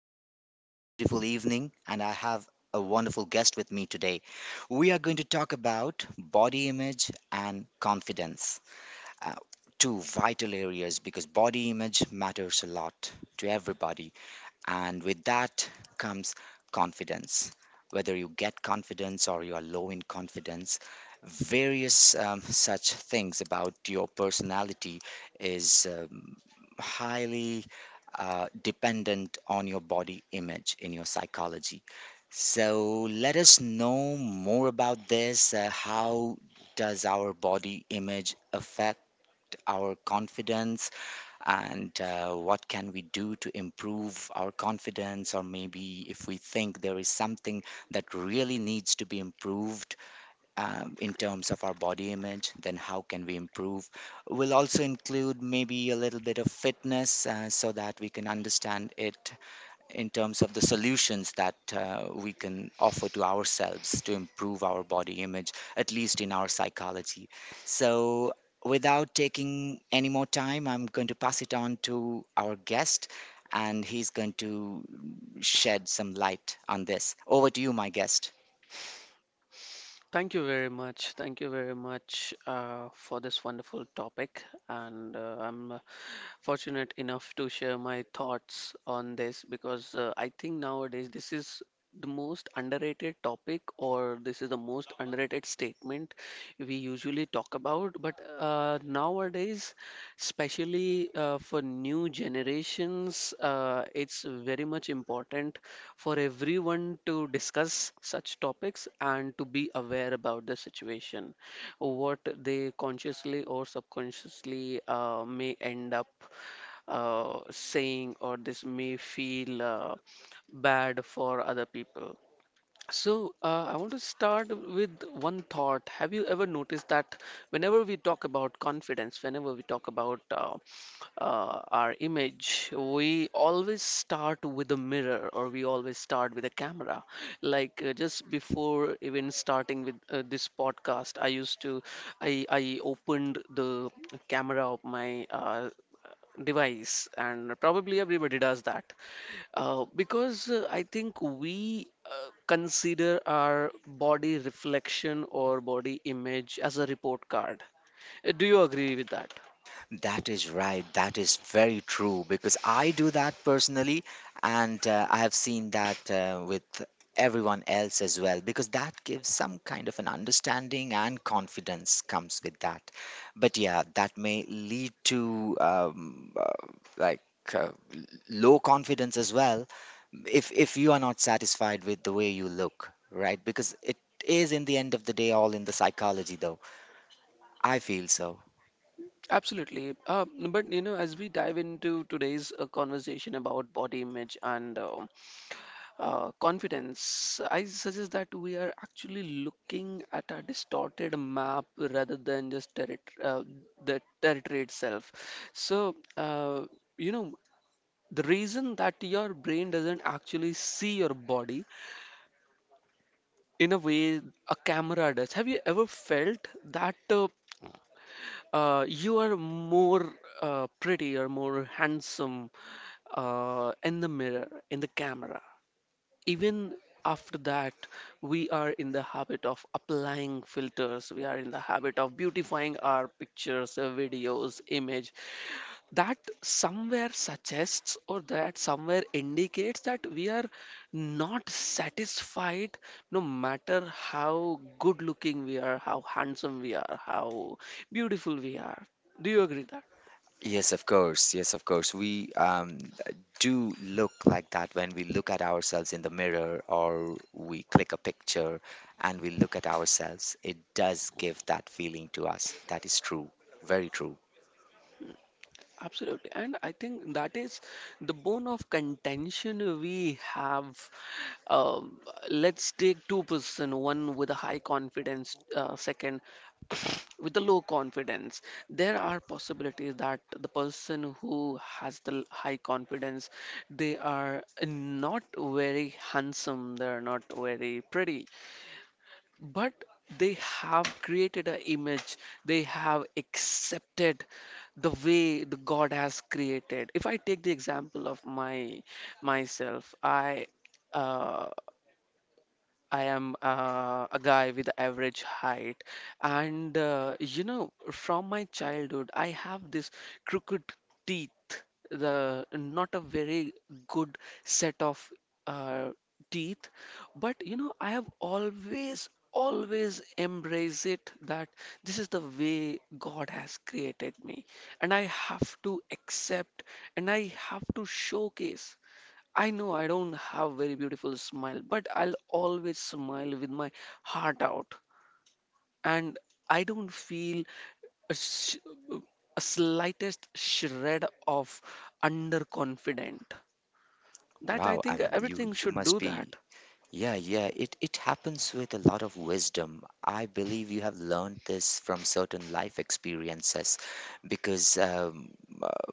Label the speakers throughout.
Speaker 1: This is one more beautiful evening, and I have a wonderful guest with me today. We are going to talk about body image and confidence, uh, two vital areas because body image matters a lot to everybody. And with that comes confidence. Whether you get confidence or you are low in confidence, various such things about your personality is highly dependent on your body image in your psychology. So let us know more about this. How does our body image affect our confidence? And what can we do to improve our confidence, or maybe if we think there is something that really needs to be improved in terms of our body image, then how can we improve? We'll also include maybe a little bit of fitness, so that we can understand it in terms of the solutions that we can offer to ourselves to improve our body image, at least in our psychology. So, without taking any more time, I'm going to pass it on to our guest, and he's going to shed some light on this. Over to you, my guest.
Speaker 2: Thank you very much. Thank you very much for this wonderful topic. And I'm fortunate enough to share my thoughts on this because I think nowadays this is the most underrated topic, or this is the most underrated statement we usually talk about, but nowadays especially for new generations it's very much important for everyone to discuss such topics and to be aware about the situation what they consciously or subconsciously may end up saying, or this may feel bad for other people. So, I want to start with one thought. Have you ever noticed that whenever we talk about confidence, whenever we talk about our image, we always start with a mirror or we always start with a camera? Like just before even starting with this podcast, I used to, I opened the camera of my device, and probably everybody does that. Because I think we consider our body reflection or body image as a report card. Do you agree with that?
Speaker 1: That is right. That is very true because I do that personally, and I have seen that with everyone else as well because that gives some kind of an understanding and confidence comes with that. But yeah, that may lead to like uh, l- low confidence as well, if you are not satisfied with the way you look, right? Because it is in the end of the day all in the psychology though. I feel so.
Speaker 2: Absolutely. But you know, as we dive into today's conversation about body image and confidence, I suggest that we are actually looking at a distorted map rather than just territ the territory itself. So, you know, the reason that your brain doesn't actually see your body in a way a camera does. Have you ever felt that you are more pretty or more handsome in the mirror, in the camera? Even after that, we are in the habit of applying filters, we are in the habit of beautifying our pictures, videos, image, that somewhere suggests or that somewhere indicates that we are not satisfied, no matter how good looking we are, how handsome we are, how beautiful we are. Do you agree that?
Speaker 1: Yes, of course. Yes, of course. We do look like that when we look at ourselves in the mirror or we click a picture and we look at ourselves. It does give that feeling to us. That is true. Very true.
Speaker 2: Absolutely. And I think that is the bone of contention we have. Um, let's take two person, one with a high confidence, second with a low confidence. There are possibilities that the person who has the high confidence, they are not very handsome, they're not very pretty, but they have created an image, they have accepted the way the God has created. If I take the example of my myself, I uh, I am a guy with average height, and you know, from my childhood, I have this crooked teeth, the not a very good set of uh, teeth, but you know, I have always, always embraced it that this is the way God has created me, and I have to accept and I have to showcase. I know I don't have very beautiful smile, but I'll always smile with my heart out, and I don't feel a, sh- a slightest shred of underconfident. That I
Speaker 1: Wow. I
Speaker 2: think
Speaker 1: mean, you
Speaker 2: everything
Speaker 1: you
Speaker 2: should
Speaker 1: must
Speaker 2: do that.
Speaker 1: be. Yeah, yeah, it happens with a lot of wisdom. I believe you have learned this from certain life experiences because, uh,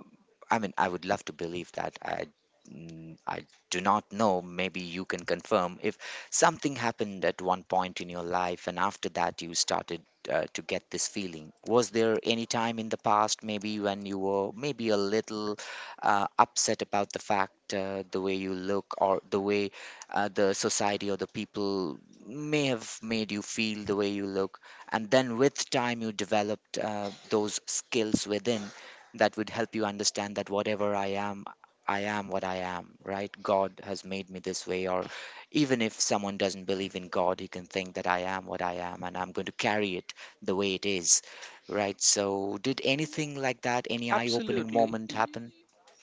Speaker 1: I mean, I would love to believe that. I do not know, maybe you can confirm if something happened at one point in your life and after that you started to get this feeling. Was there any time in the past, maybe when you were maybe a little upset about the fact, the way you look or the way? The society or the people may have made you feel the way you look, and then with time you developed those skills within that would help you understand that whatever I am, I am what I am, right? God has made me this way, or even if someone doesn't believe in God, he can think that I am what I am, and I'm going to carry it the way it is, right? So did anything like that, any eye opening
Speaker 2: Absolutely.
Speaker 1: moment happen?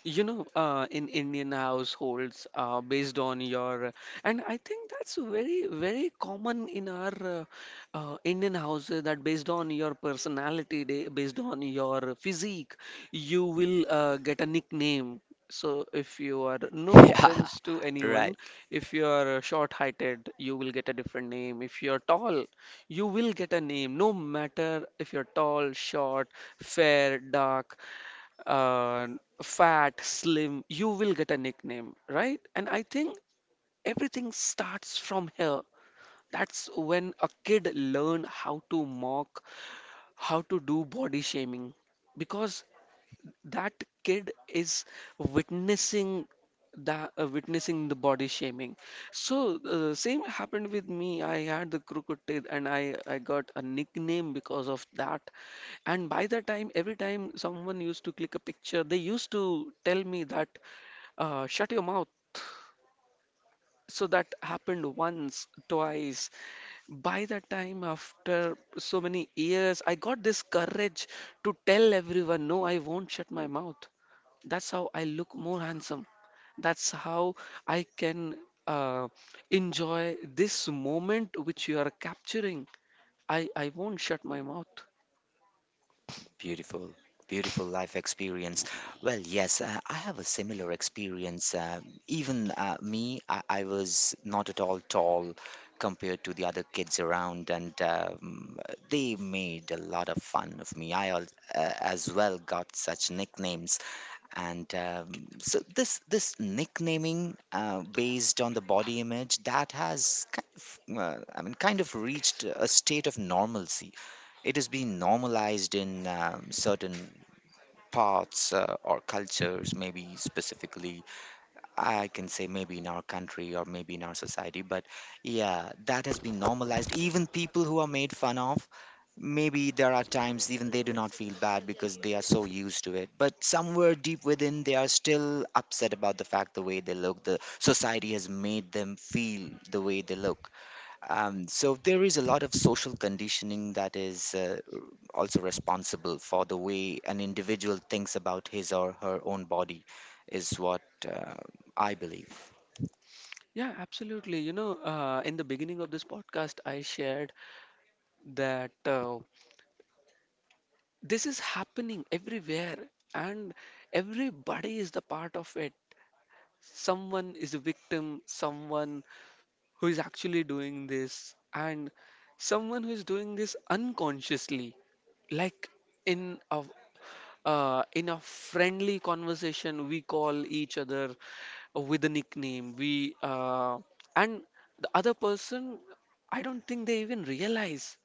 Speaker 2: You know, in Indian households, and I think that's very, very common in our Indian houses, that based on your personality, based on your physique, you will get a nickname. So if you are, no
Speaker 1: Yeah,
Speaker 2: offense to anyone,
Speaker 1: right.
Speaker 2: if you are short-heighted, you will get a different name. If you are tall, you will get a name. No matter if you're tall, short, fair, dark, uh, fat, slim, you will get a nickname, right? And I think everything starts from here. That's when a kid learn how to mock, how to do body shaming. Because that kid is witnessing that witnessing the body shaming. So same happened with me. I had the crooked teeth and I got a nickname because of that. And by the time, every time someone used to click a picture, they used to tell me that shut your mouth. So that happened once, twice. By that time, after so many years, I got this courage to tell everyone, no, I won't shut my mouth. That's how I look more handsome. That's how I can uh, enjoy this moment which you are capturing. I won't shut my mouth.
Speaker 1: Beautiful, beautiful life experience. Well, yes, I have a similar experience. Even me, I was not at all tall compared to the other kids around, and they made a lot of fun of me. I as well got such nicknames, and
Speaker 2: कितने
Speaker 1: so
Speaker 2: बजे के?
Speaker 1: this nicknaming,
Speaker 2: दो
Speaker 1: based on
Speaker 2: बजे।
Speaker 1: the
Speaker 2: आप
Speaker 1: body image, that has kind of, I mean, kind of reached
Speaker 2: कैसे हो
Speaker 1: a
Speaker 2: गए?
Speaker 1: state of normalcy. It has been normalized in certain parts or cultures, maybe specifically I can say, maybe in our country or maybe in our society. But yeah, that has been normalized. Even people who are made fun of, maybe there are times even they do not feel bad because they are so used to it, but somewhere deep within they are still upset about the fact the way they look, the society has made them feel the way they look. Um, so there is a lot of social conditioning that is also responsible for the way an individual thinks about his or her own body, is what uh, I believe.
Speaker 2: Yeah, absolutely. You know, in the beginning of this podcast, I shared that this is happening everywhere, and everybody is the part of it. Someone is a victim, someone who is actually doing this, and someone who is doing this unconsciously. Like in a in a friendly conversation, we call each other with a nickname, we and the other person, I don't think they even realize.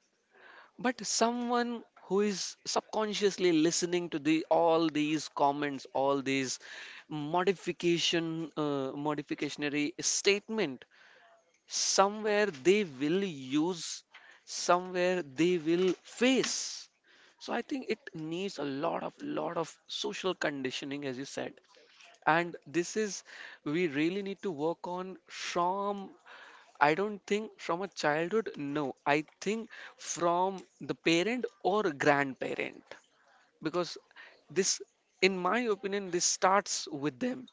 Speaker 2: But someone who is subconsciously listening to the all these comments, all these modificationary statement, somewhere they will use, somewhere they will face. So I think it needs a lot of social conditioning, as you said. And this is we really need to work on from, I don't think from a childhood, no. I think from the parent or grandparent, because this, in my opinion, this starts with them.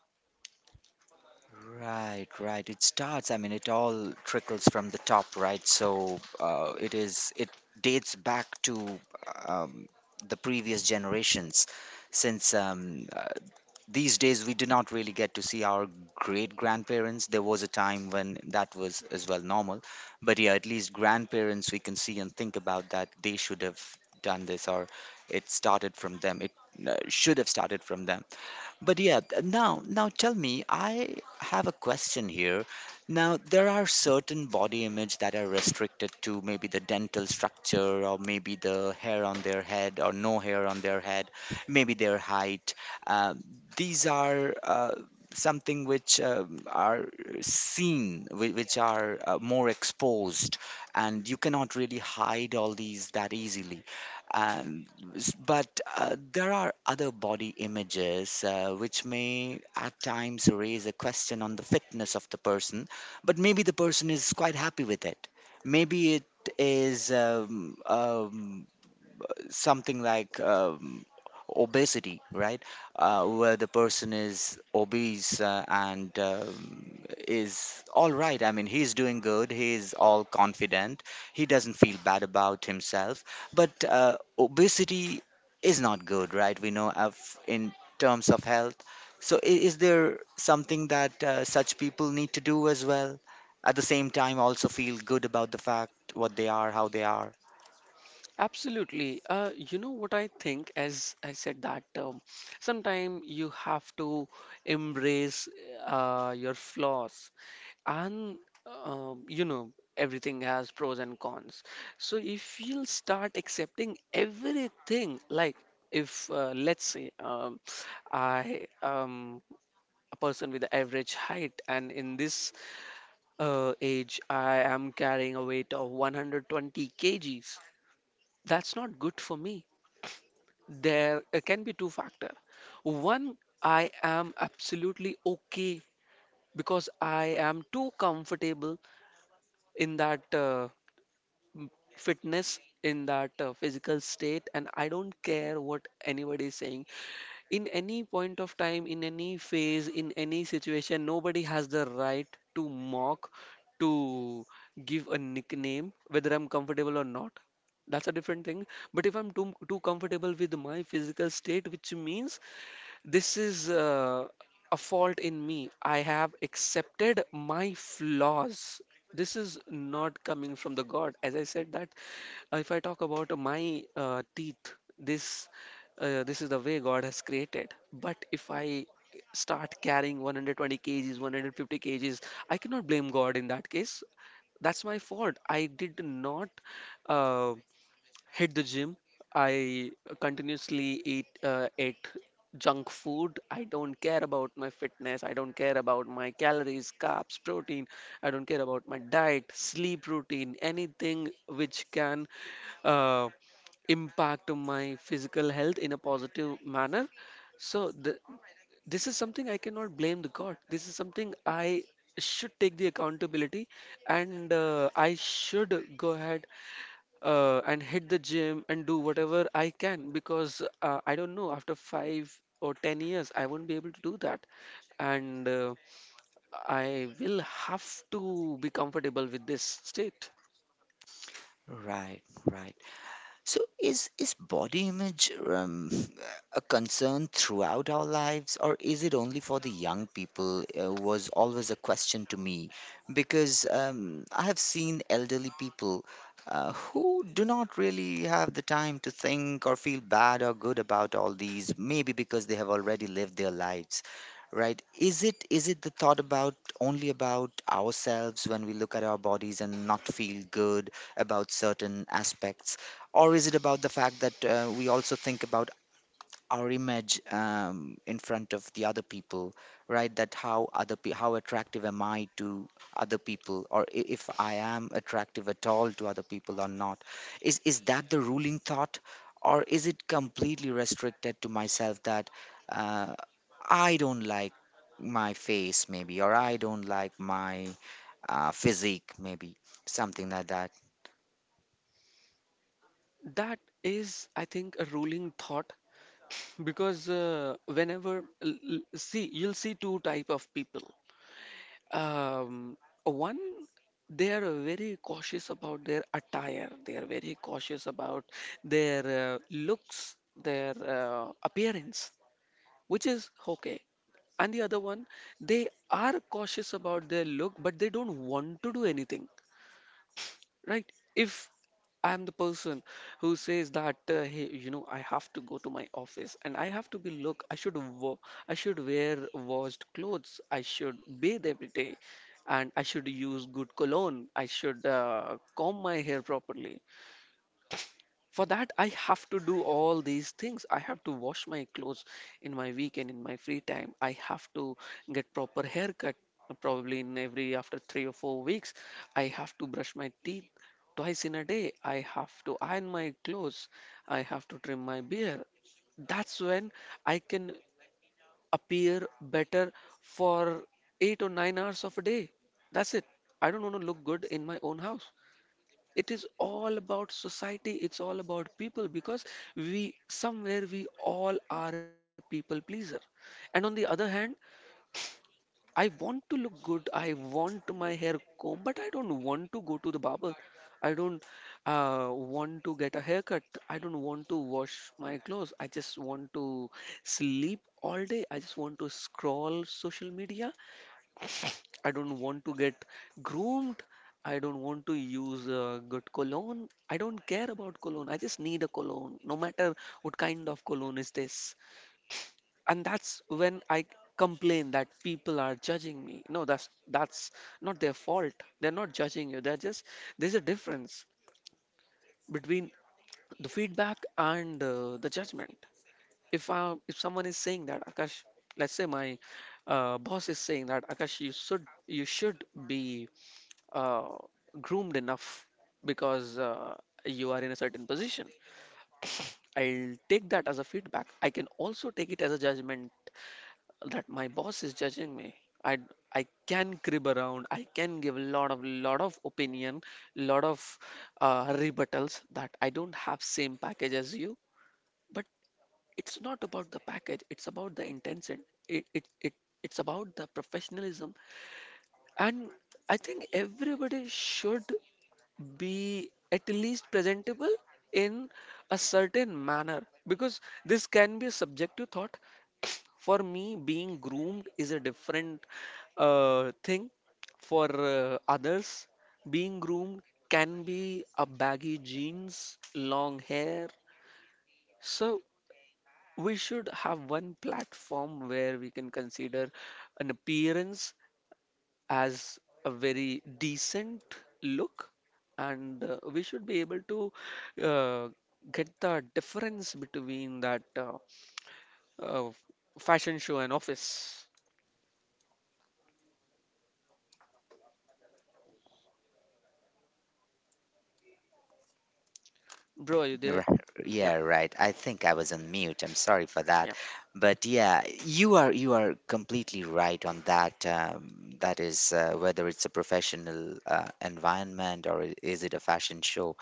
Speaker 1: Right, right. It starts, I mean, it all trickles from the top, right? So it is, it dates back to um, the previous generations, since these days we do not really get to see our great grandparents. There was a time when that was as well normal, but yeah, at least grandparents we can see and think about that they should have done this, or it started from them. It should have started from them. But yeah, now tell me, I have a question here. Now there are certain body image that are restricted to maybe the dental structure, or maybe the hair on their head or no hair on their head, maybe their height. Uh, these are something which are seen, which are more exposed, and you cannot really hide all these that easily. But there are other body images which may at times raise a question on the fitness of the person, but maybe the person is quite happy with it. Maybe it is something like obesity, right? Where the person is obese and is all right. I mean, he's doing good, he's all confident, he doesn't feel bad about himself. But obesity is not good, right? We know of, in terms of health. Is there something that such people need to do as well? At the same time, also feel good about the fact what they are, how they are.
Speaker 2: Absolutely. You know what I think, as I said that sometime you have to embrace your flaws, and you know, everything has pros and cons. So if you'll start accepting everything, like if let's say I am a person with average height, and in this age I am carrying a weight of 120 kgs, that's not good for me. There can be two factor. One, I am absolutely okay because I am too comfortable in that fitness, in that physical state, and I don't care what anybody is saying. In any point of time, in any phase, in any situation, nobody has the right to mock, to give a nickname, whether I'm comfortable or not. That's a different thing. But if I'm too comfortable with my physical state, which means this is a fault in me. I have accepted my flaws. This is not coming from the God. As I said that if I talk about my teeth, this this is the way God has created. But if I start carrying 120 kgs, 150 kgs, I cannot blame God in that case. That's my fault. I did not, Uh, hit the gym. I continuously eat ate junk food. I don't care about my fitness. I don't care about my calories, carbs, protein. I don't care about my diet, sleep routine, anything which can uh, impact on my physical health in a positive manner. So this is something I cannot blame the God. This is something I should take the accountability, and I should go ahead and hit the gym and do whatever I can, because I don't know, after five or 10 years, I won't be able to do that. And I will have to be comfortable with this state.
Speaker 1: Right, right. So, is body image a concern throughout our lives, or is it only for the young people? Was always a question to me because I have seen elderly people who do not really have the time to think or feel bad or good about all these, maybe because they have already lived their lives. Right. Is it the thought about only about ourselves when we look at our bodies and not feel good about certain aspects, or is it about the fact that we also think about our image in front of the other people, right? That how how attractive am I to other people, or if I am attractive at all to other people or not? Is that the ruling thought, or is it completely restricted to myself that? Uh, I don't like my face maybe, or I don't like my physique maybe, something like that.
Speaker 2: That is, I think, a ruling thought, because see, you'll see two type of people. Um, One, they are very cautious about their attire. They are very cautious about their looks, their appearance, which is okay. And the other one, they are cautious about their look, but they don't want to do anything, right? If I'm the person who says that, hey, you know, I have to go to my office and I have to be look, I should I should wear washed clothes, I should bathe every day, and I should use good cologne, I should comb my hair properly. For that, I have to do all these things. I have to wash my clothes in my weekend, in my free time. I have to get proper haircut, probably in every after 3 or 4 weeks. I have to brush my teeth twice in a day. I have to iron my clothes. I have to trim my beard. That's when I can appear better for 8 or 9 hours of a day. That's it. I don't want to look good in my own house. It is all about society, it's all about people, because we, somewhere we all are people pleaser. And on the other hand, I want to look good, I want my hair comb, but I don't want to go to the barber, I don't want to get a haircut, I don't want to wash my clothes, I just want to sleep all day, I just want to scroll social media, I don't want to get groomed. I don't want to use good cologne. I don't care about cologne. I just need a cologne, no matter what kind of cologne is this. And that's when I complain that people are judging me. No, that's not their fault. They're not judging you. They're just, there's a difference between the feedback and the judgment. If someone is saying that Akash, let's say my boss is saying that Akash, you should be uh, groomed enough because you are in a certain position. I'll take that as a feedback. I can also take it as a judgment that my boss is judging me. I I can crib around. I can give a lot of opinion, lot of rebuttals that I don't have same package as you. But it's not about the package. It's about the intention. It it, it it's about the professionalism. And I think everybody should be at least presentable in a certain manner, because this can be a subjective thought. For me, being groomed is a different thing. For others, being groomed can be a baggy jeans long hair. So we should have one platform where we can consider an appearance as a very decent look, and we should be able to uh, get the difference between that uh, fashion show and office. Bro, are you there?
Speaker 1: Ri-
Speaker 2: Yeah,
Speaker 1: yeah, right. I think I was on mute, I'm sorry for that.
Speaker 2: yeah.
Speaker 1: But yeah, you are completely right on that. That is, whether it's a professional environment or is it a fashion show.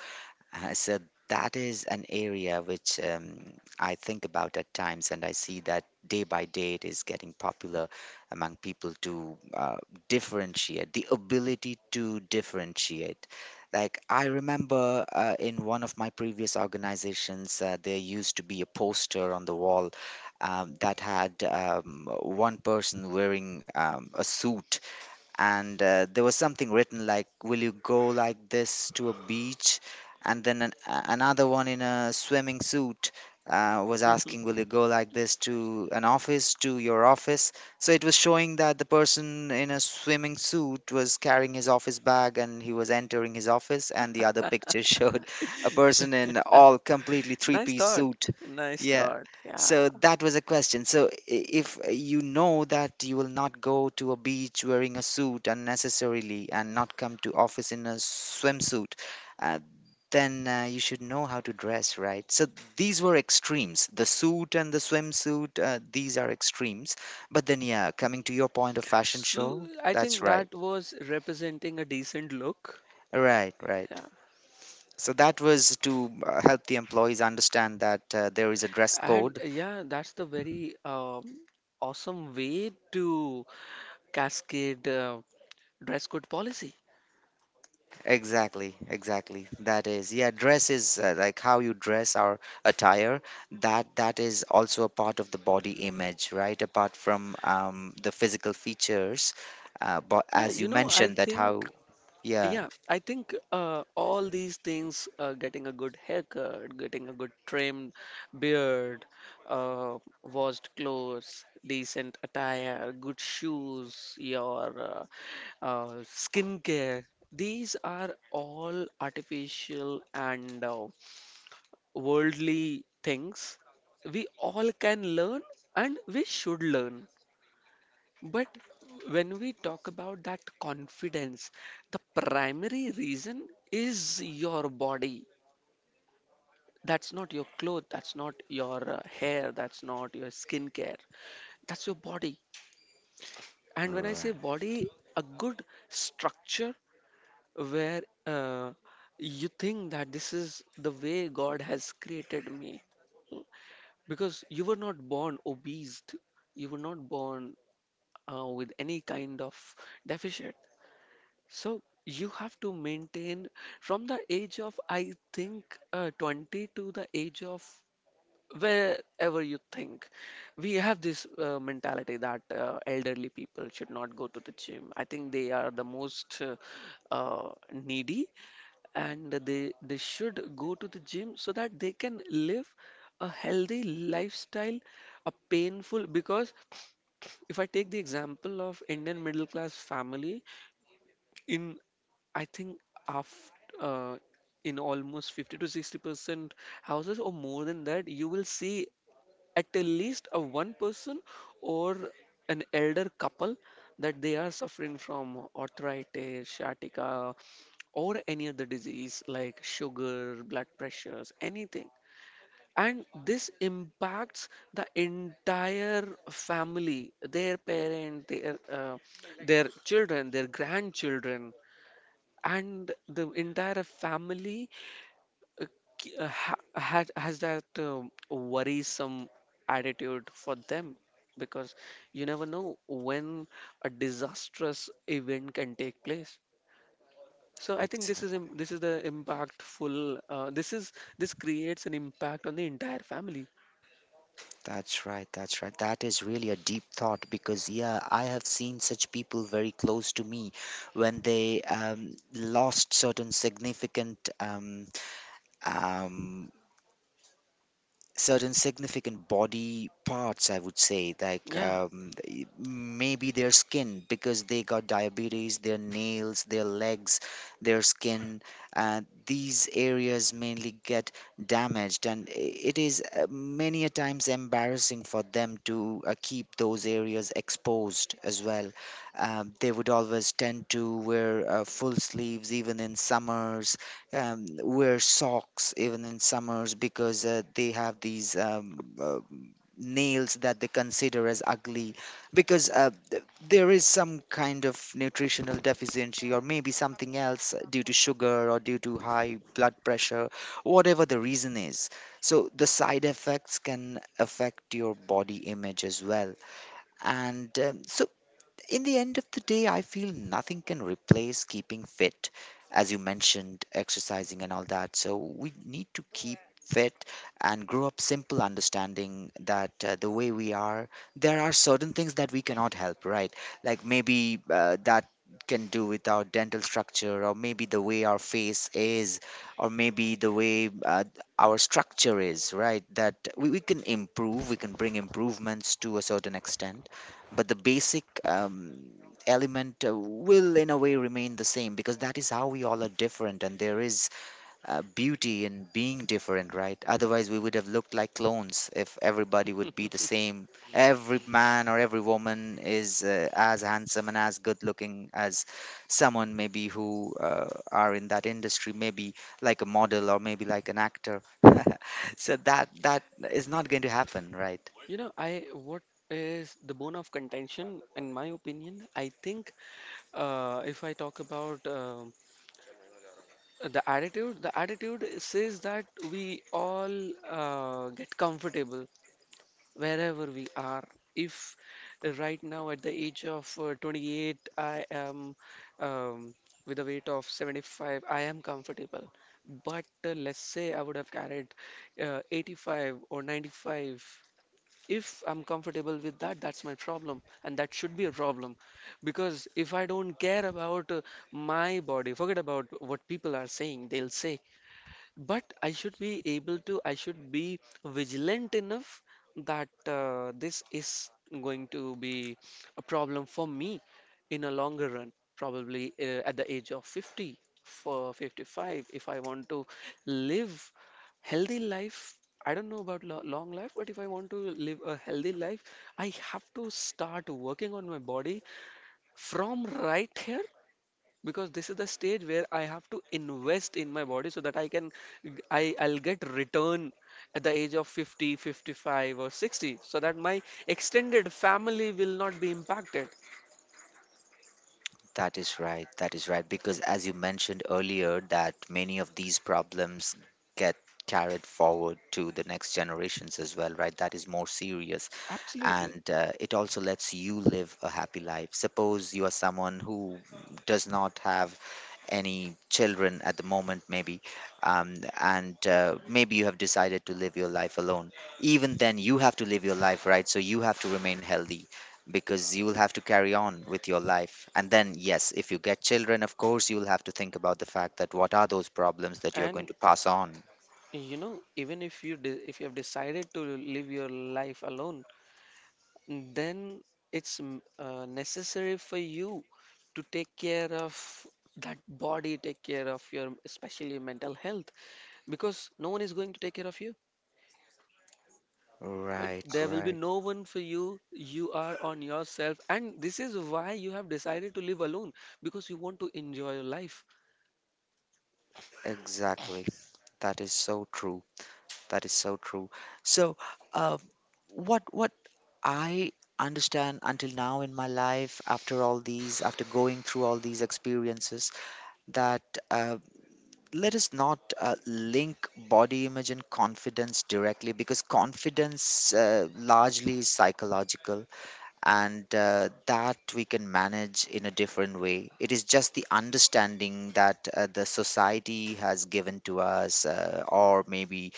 Speaker 1: So that is an area which I think about at times, and I see that day by day it is getting popular among people to differentiate, the ability to differentiate. Like, I remember in one of my previous organizations, there used to be a poster on the wall that had one person wearing a suit, and there was something written like, will you go like this to a beach? And then another one in a swimming suit was asking, will you go like this to an office, to your office? So it was showing that the person in a swimming suit was carrying his office bag and he was entering his office, and the other picture showed a person in
Speaker 2: Uh,
Speaker 1: all completely three
Speaker 2: Nice
Speaker 1: piece
Speaker 2: thought.
Speaker 1: suit.
Speaker 2: Nice
Speaker 1: Yeah,
Speaker 2: thought. Yeah.
Speaker 1: so that was a question. If you know that you will not go to a beach wearing a suit unnecessarily and not come to office in a swimsuit, uh, then you should know how to dress, right? So these were extremes. The suit and the swimsuit, these are extremes. But then, yeah, coming to your point of fashion
Speaker 2: So
Speaker 1: show,
Speaker 2: I
Speaker 1: that's
Speaker 2: think
Speaker 1: right.
Speaker 2: that was representing a decent look.
Speaker 1: Right, right.
Speaker 2: Yeah.
Speaker 1: So that was to help the employees understand that there is a dress
Speaker 2: And
Speaker 1: code.
Speaker 2: uh, yeah, that's the very awesome way to cascade dress code policy.
Speaker 1: Exactly, exactly. That is, yeah, dress is, like how you dress, our attire. That is also a part of the body image, right? Apart from the physical features, but
Speaker 2: Yeah,
Speaker 1: as you
Speaker 2: I
Speaker 1: mentioned, that
Speaker 2: think,
Speaker 1: how, yeah,
Speaker 2: yeah, I think all these things, getting a good haircut, getting a good trimmed beard, washed clothes, decent attire, good shoes, your skincare, these are all artificial and worldly things we all can learn and we should learn. But when we talk about that confidence, the primary reason is your body. That's not your clothes, that's not your hair, that's not your skincare, that's your body. And when I say
Speaker 1: right,
Speaker 2: body, a good structure where uh, you think that this is the way God has created me. Because you were not born obese, you were not born with any kind of deficit. So you have to maintain from the age of, I think, 20 to the age of wherever you think. We have this mentality that elderly people should not go to the gym. I think they are the most needy, and they should go to the gym so that they can live a healthy lifestyle, a painful, because if I take the example of Indian middle class family, in I think after uh, in almost 50 to 60% houses or more than that, you will see at the least a one person or an elder couple that they are suffering from arthritis, sciatica, or any other disease like sugar, blood pressures, anything. And this impacts the entire family, their parent, their children, their grandchildren, and the entire family uh, ki- ha had has that worrisome attitude for them, because you never know when a disastrous event can take place. So I think this is
Speaker 1: exactly.
Speaker 2: im- this is the impactful. This creates an impact on the entire family.
Speaker 1: That's right, that's right. That is really a deep thought because yeah, I have seen such people very close to me when they lost um, certain significant body parts I would say like
Speaker 2: Yeah,
Speaker 1: maybe their skin because they got diabetes, their nails, their legs, their skin. These areas mainly get damaged and it is many a times embarrassing for them to keep those areas exposed as well. They would always tend to wear full sleeves even in summers, wear socks even in summers because they have these nails that they consider as ugly because there is some kind of nutritional deficiency or maybe something else due to sugar or due to high blood pressure, whatever the reason is. So the side effects can affect your body image as well. And so in the end of the day, I feel nothing can replace keeping fit, as you mentioned, exercising and all that. So we need to keep fit and grow up simple understanding that the way we are, there are certain things that we cannot help, right? Like maybe that can do with our dental structure, or maybe the way our face is, or maybe the way our structure is, right? That we can improve, we can bring improvements to a certain extent, but the basic element will in a way remain the same because that is how we all are different, and there is beauty in being different, right? Otherwise we would have looked like clones if everybody would be the same, every man or every woman is as handsome and as good looking as someone maybe who are in that industry, maybe like a model or maybe like an actor so that is not going to happen, right?
Speaker 2: you know, I what is the bone of contention in my opinion? I think if I talk about the attitude says that we all get comfortable wherever we are. If right now at the age of 28, I am um, with a weight of 75, I am comfortable. But let's say I would have carried 85 or 95. If I'm comfortable with that, that's my problem, and that should be a problem. Because if I don't care about my body, forget about what people are saying, they'll say. But I should be vigilant enough that this is going to be a problem for me in a longer run, probably at the age of 50 for 55. If I want to live healthy life, I don't know about lo long life, but if I want to live a healthy life, I have to start working on my body from right here, because this is the stage where I have to invest in my body so that I can I I'll get return at the age of 50, 55 or 60 so that my extended family will not be impacted.
Speaker 1: That is right. That is right. Because as you mentioned earlier, that many of these problems get carried forward to the next generations as well, right? That is more serious.
Speaker 2: Absolutely.
Speaker 1: And it also lets you live a happy life. Suppose you are someone who does not have any children at the moment, maybe, um, and maybe you have decided to live your life alone. Even then, you have to live your life, right? So you have to remain healthy because you will have to carry on with your life. And then, yes, if you get children, of course, you'll have to think about the fact that what are those problems that you're going
Speaker 2: And
Speaker 1: to pass on.
Speaker 2: even if you de if you have decided to live your life alone, then it's necessary for you to take care of that body, take care of your especially mental health, because no one is going to take care of you. And
Speaker 1: Right,
Speaker 2: there will be
Speaker 1: right.
Speaker 2: no one for you. You are on yourself. And this is why you have decided to live alone, because you want to enjoy your life.
Speaker 1: Exactly. That is so true. That is so true. So, uh, what what I understand until now in my life, after all these, after going through all these experiences, that uh, let us not link body image and confidence directly, because confidence largely is psychological, and that we can manage in a different way. It is just the understanding that the society has given to us, or maybe,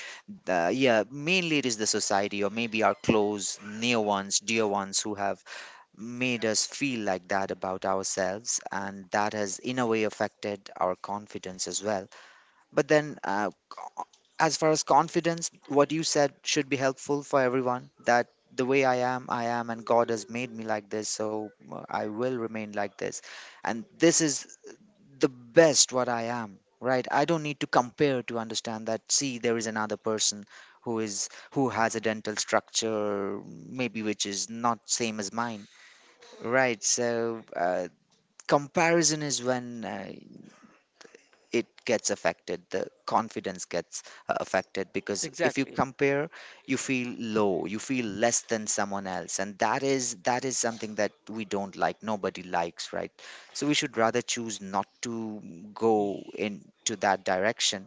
Speaker 1: the, yeah, mainly it is the society, or maybe our close, near ones, dear ones who have made us feel like that about ourselves, and that has in a way affected our confidence as well. But then, as far as confidence, what you said should be helpful for everyone, that the way I am, and God has made me like this, so I will remain like this. And this is the best what I am, right? I don't need to compare to understand that, see, there is another person who has a dental structure maybe which is not same as mine, right? So comparison is when it gets affected, the confidence gets affected, because if you
Speaker 2: Exactly.
Speaker 1: compare, you feel low, you feel less than someone else, and that is something that we don't like, nobody likes, right? So we should rather choose not to go
Speaker 2: Y-
Speaker 1: into that direction,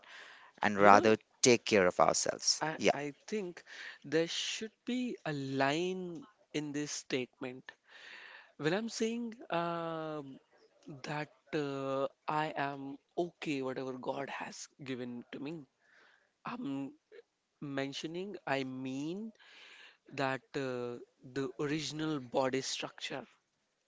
Speaker 1: and
Speaker 2: You
Speaker 1: rather
Speaker 2: know,
Speaker 1: take care of ourselves,
Speaker 2: I,
Speaker 1: yeah.
Speaker 2: I think there should be a line in this statement. When I'm saying um that uh, I am okay, whatever God has given to me, I'm mentioning, I mean that the original body structure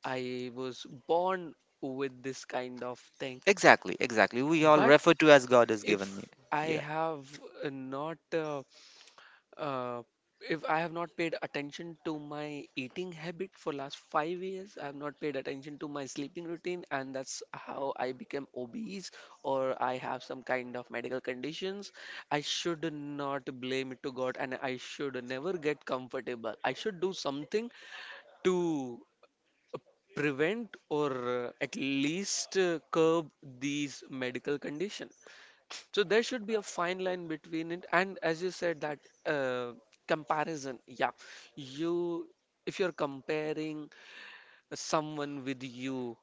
Speaker 2: I was born with this kind of thing.
Speaker 1: Exactly, exactly. We all
Speaker 2: But
Speaker 1: refer to as God has given me.
Speaker 2: if I
Speaker 1: Yeah.
Speaker 2: have uh, not uh, uh, if I have not paid attention to my eating habit for last 5 years, I have not paid attention to my sleeping routine, and that's how I became obese or I have some kind of medical conditions. I should not blame it to God, and I should never get comfortable. I should do something to prevent or at least curb these medical condition. So there should be a fine line between it. And as you said that uh, comparison, yeah, you if you're comparing someone with you,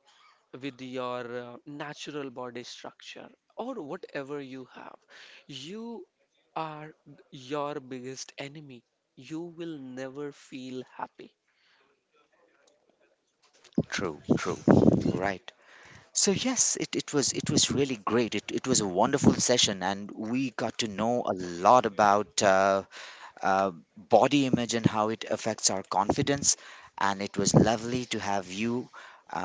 Speaker 2: with your natural body structure or whatever you have, you are your biggest enemy. You will never feel happy.
Speaker 1: True, true. Right. So yes, it was really great. It was a wonderful session, and we got to know a lot about body image and how it affects our confidence. And it was lovely to have you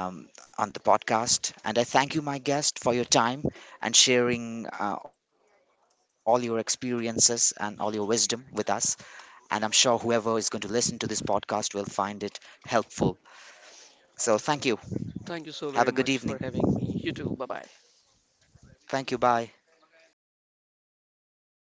Speaker 1: on the podcast. And I thank you, my guest, for your time and sharing all your experiences and all your wisdom with us. And I'm sure whoever is going to listen to this podcast will find it helpful. So thank you. Have
Speaker 2: Thank
Speaker 1: a
Speaker 2: you
Speaker 1: good
Speaker 2: so very
Speaker 1: evening.
Speaker 2: much for having me. You too. Bye bye.
Speaker 1: Thank you. Bye.